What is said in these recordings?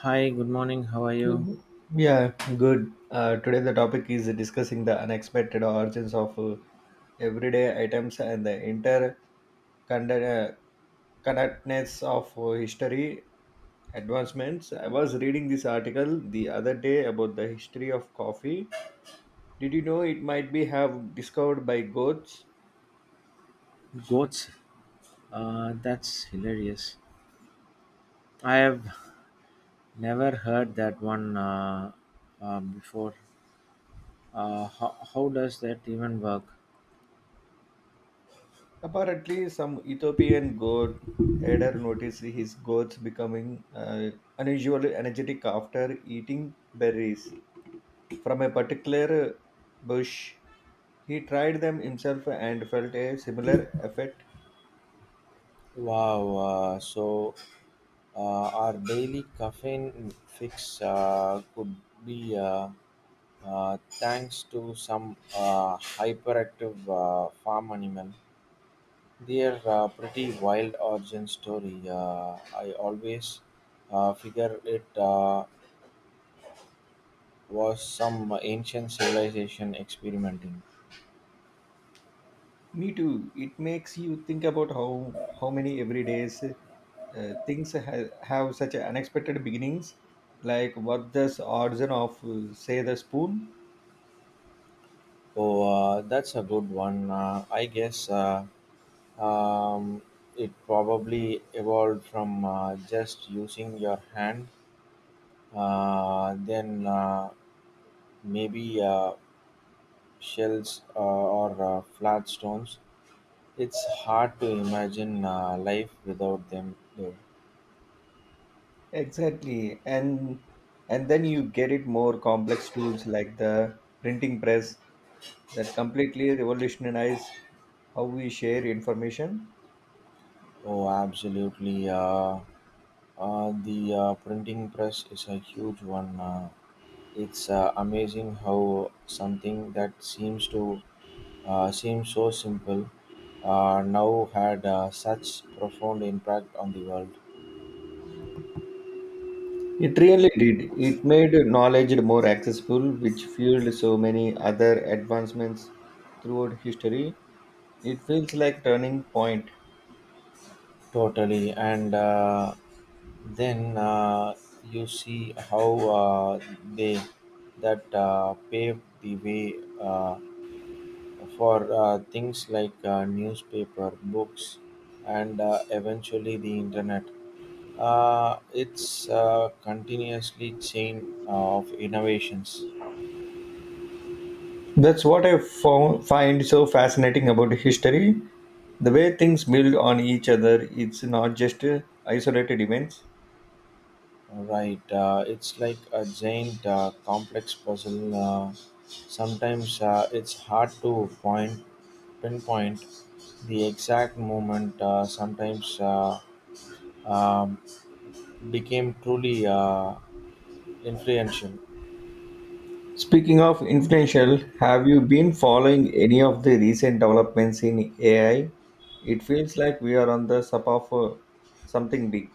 Hi, good morning. How are Good. you? Yeah, good. Today the topic is discussing the unexpected origins of everyday items and the interconnectedness of history advancements. I was reading this article the other day about the history of coffee. Did you know it might be have discovered by goats? Goats. That's hilarious. I have never heard that one before. How does that even work? Apparently, some Ethiopian goat herder noticed his goats becoming unusually energetic after eating berries from a particular bush. He tried them himself and felt a similar effect. Wow. So our daily caffeine fix could be thanks to some hyperactive farm animal. Their pretty wild origin story. I always figure it. Was some ancient civilization experimenting. Me too. It makes you think about how many everydays things have such unexpected beginnings, like what the origin of say the spoon. Oh, that's a good one. I guess um, it probably evolved from just using your hand, then maybe shells or flat stones. It's hard to imagine life without them, though. Exactly, and then you get it more complex tools like the printing press that completely revolutionized how we share information. Oh, absolutely. The printing press is a huge one. It's amazing how something that seems to seem so simple now had such profound impact on the world. It really did. It made knowledge more accessible, which fueled so many other advancements throughout history. It feels like turning point. Totally, and then you see how they that paved the way uh, for uh, things like newspaper, books, and eventually the internet. It's continuously chain of innovations, That's what I find so fascinating about history. The way things build on each other, it's not just isolated events. right? It's like a giant complex puzzle. Sometimes it's hard to point pinpoint the exact moment. Sometimes um, became truly influential. Speaking of influential, have you been following any of the recent developments in AI? It feels like we are on the sub of something big.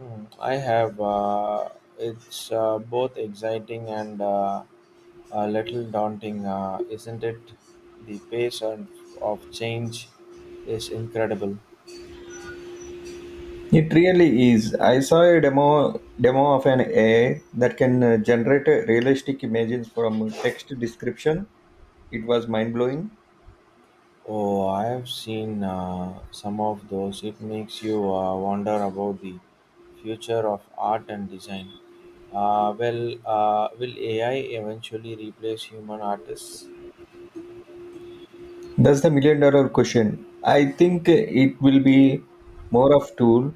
Mm, I have. It's both exciting and a little daunting, isn't it? The pace of change is incredible. It really is. I saw a demo of an AI that can generate realistic images from text description. It was mind blowing. Oh, I have seen some of those. It makes you wonder about the future of art and design. Well, will AI eventually replace human artists? That's the million dollar question. I think it will be more of tool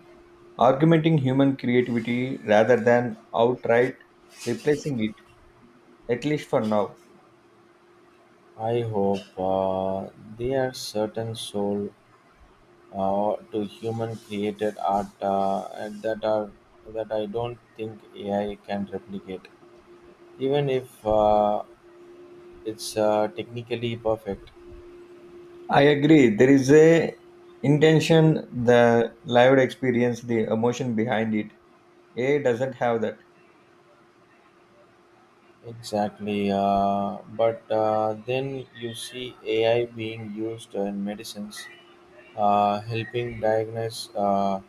augmenting human creativity rather than outright replacing it at least for now. I hope there are certain soul to human created art and that are that I don't think AI can replicate, even if it's technically perfect. I agree. There is a intention, the lived experience, the emotion behind it. AI doesn't have that. Exactly, but then you see ai being used in medicines, helping diagnose uh,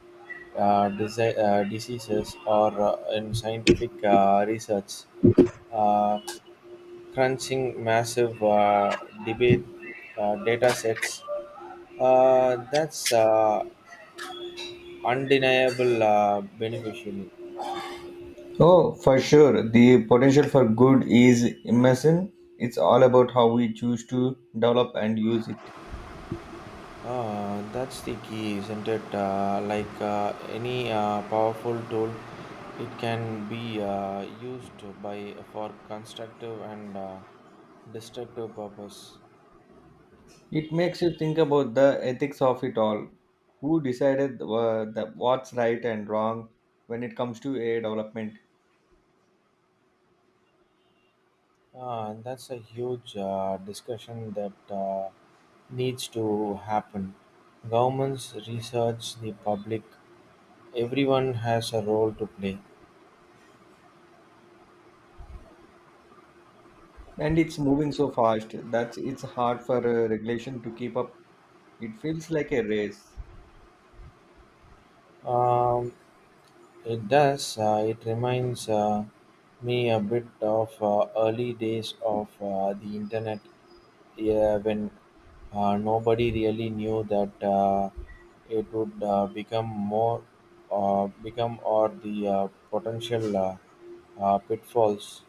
uh, disi- uh, diseases or in scientific research, uh, crunching massive debate data sets, that's undeniable beneficial. Oh, for sure. The potential for good is immense. It's all about how we choose to develop and use it. That's the key, isn't it? Like any powerful tool, it can be used by for constructive and destructive purpose. It makes you think about the ethics of it all. Who decided the, what's right and wrong when it comes to a development? And that's a huge discussion that needs to happen. Governments, research, the public, everyone has a role to play. And it's moving so fast that it's hard for regulation to keep up. It feels like a race. Um, It does. It reminds me a bit of early days of the internet, yeah, when nobody really knew that it would become more, become or the potential pitfalls.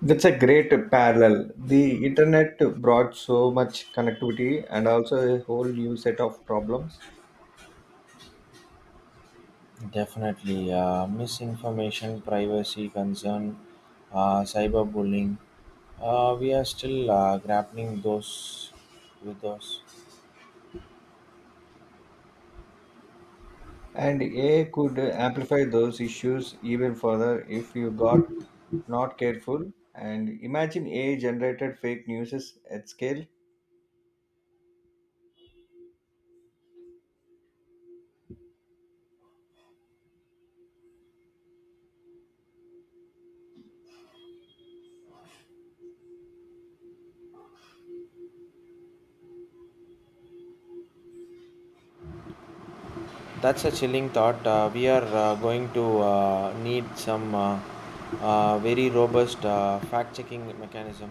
That's a great parallel. The internet brought so much connectivity and also a whole new set of problems. Definitely, misinformation, privacy concern, cyberbullying. We are still grappling those with those. And AI could amplify those issues even further if you got not careful. And imagine AI generated fake news at scale. That's a chilling thought. We are going to need some very robust fact checking mechanism.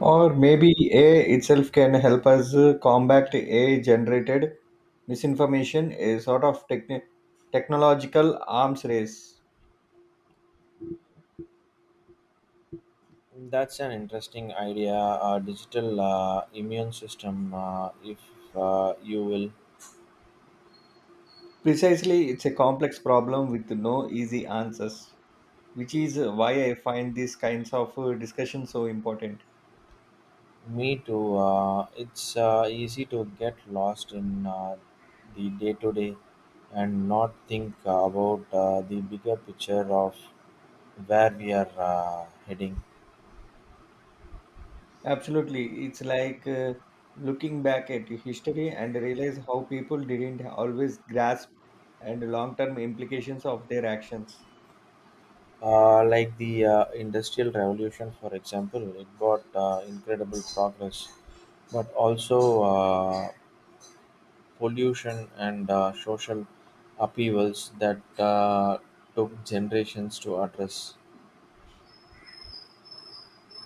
Or maybe AI itself can help us combat AI generated misinformation, a sort of technological arms race. That's an interesting idea. A digital immune system, if you will. Precisely, it's a complex problem with no easy answers, which is why I find these kinds of discussions so important. Me too. It's easy to get lost in the day to day and not think about the bigger picture of where we are heading. Absolutely. It's like looking back at history and realize how people didn't always grasp and long-term implications of their actions. Like the Industrial Revolution, for example, it got incredible progress, but also pollution and social upheavals that took generations to address.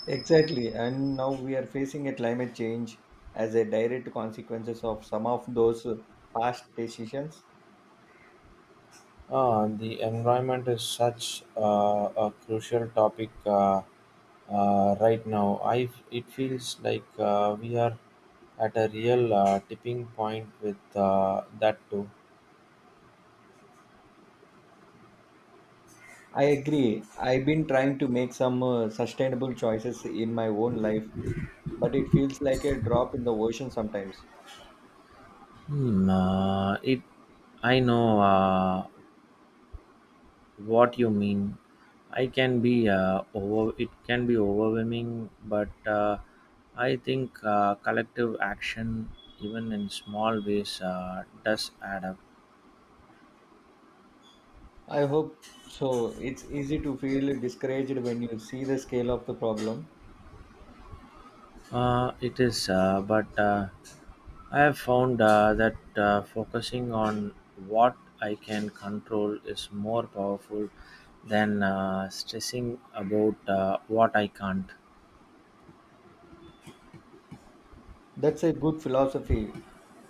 Exactly. And now we are facing a climate change as a direct consequences of some of those past decisions. The environment is such a crucial topic right now. I it feels like we are at a real tipping point with that too. I agree. I've been trying to make some sustainable choices in my own life, but it feels like a drop in the ocean sometimes. Hmm, I know what you mean. I can be over. It can be overwhelming, but I think collective action, even in small ways, does add up. I hope so. It's easy to feel discouraged when you see the scale of the problem. It is, but I have found that focusing on what I can control is more powerful than stressing about what I can't. That's a good philosophy.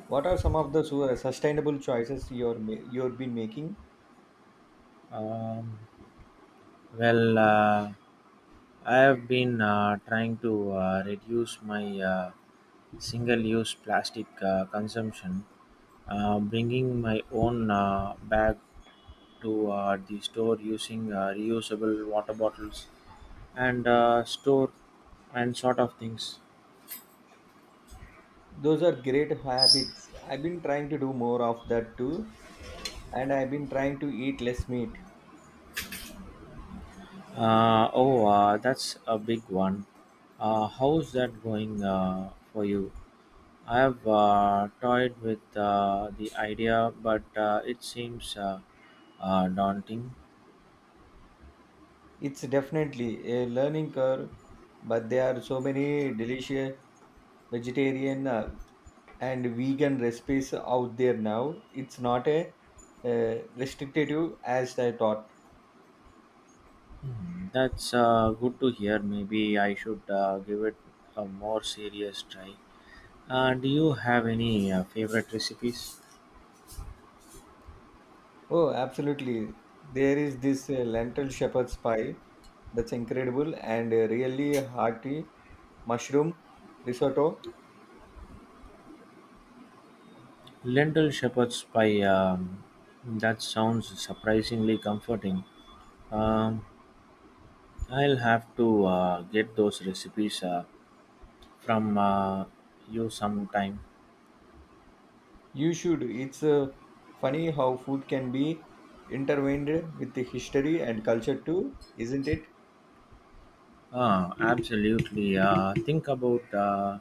What are some of the sustainable choices you've been making? Um, Well, I have been trying to reduce my single use plastic consumption, bringing my own bag to the store using reusable water bottles and uh, store and sort of things. Those are great habits. I've been trying to do more of that too, and I've been trying to eat less meat. Oh, that's a big one. How's that going for you? I've toyed with the idea, but it seems daunting. It's definitely a learning curve, but there are so many delicious vegetarian and vegan recipes out there now. It's not a restrictive as I thought. That's good to hear. Maybe I should give it a more serious try. Do you have any favorite recipes? Oh, absolutely. There is this lentil shepherd's pie that's incredible and really hearty mushroom risotto. Lentil shepherd's pie. That sounds surprisingly comforting. Um, I'll have to get those recipes from you sometime. You should. It's funny how food can be intertwined with the history and culture too, isn't it? Ah, absolutely.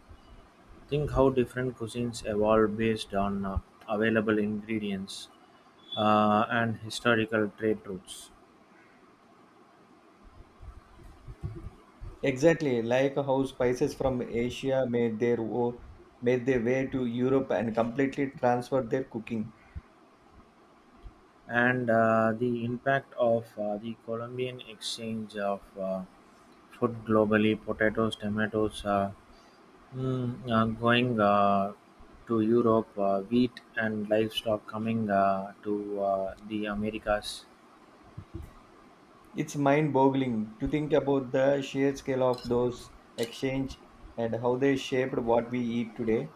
Think how different cuisines evolve based on available ingredients and historical trade routes, Exactly, like how spices from Asia made made their way to Europe and completely transferred their cooking. and the impact of the Colombian exchange of food globally. Potatoes, tomatoes, going to Europe, wheat and livestock coming to the Americas. It's mind boggling to think about the sheer scale of those exchange and how they shaped what we eat today.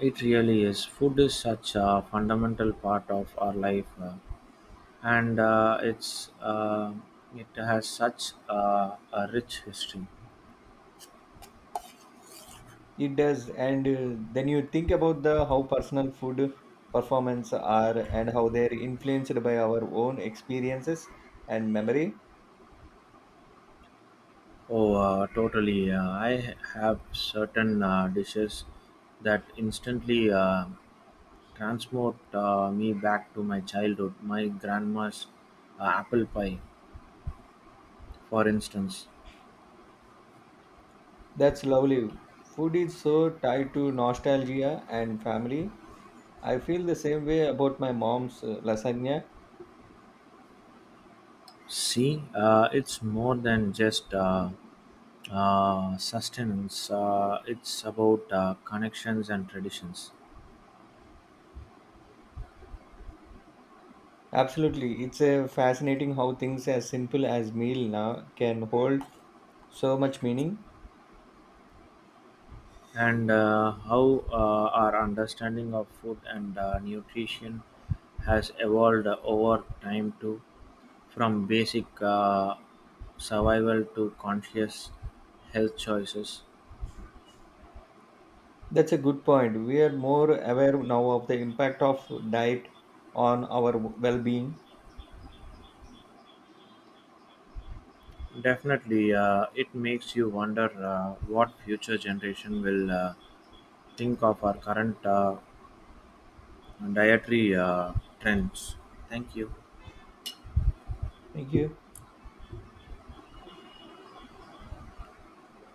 It really is. Food is such a fundamental part of our life, and it has such a rich history. It does, and then you think about the how personal food performance are and how they're influenced by our own experiences and memory. Oh, totally! I have certain dishes that instantly transport me back to my childhood. My grandma's apple pie, for instance. That's lovely. Food is so tied to nostalgia and family. I feel the same way about my mom's lasagna. See, it's more than just sustenance. It's about connections and traditions. Absolutely. It's a fascinating how things as simple as meal now can hold so much meaning. And how our understanding of food and nutrition has evolved over time too, from basic survival to conscious health choices. That's a good point. We are more aware now of the impact of diet on our well-being. Definitely, it makes you wonder what future generation will think of our current dietary trends. Thank you. Thank you.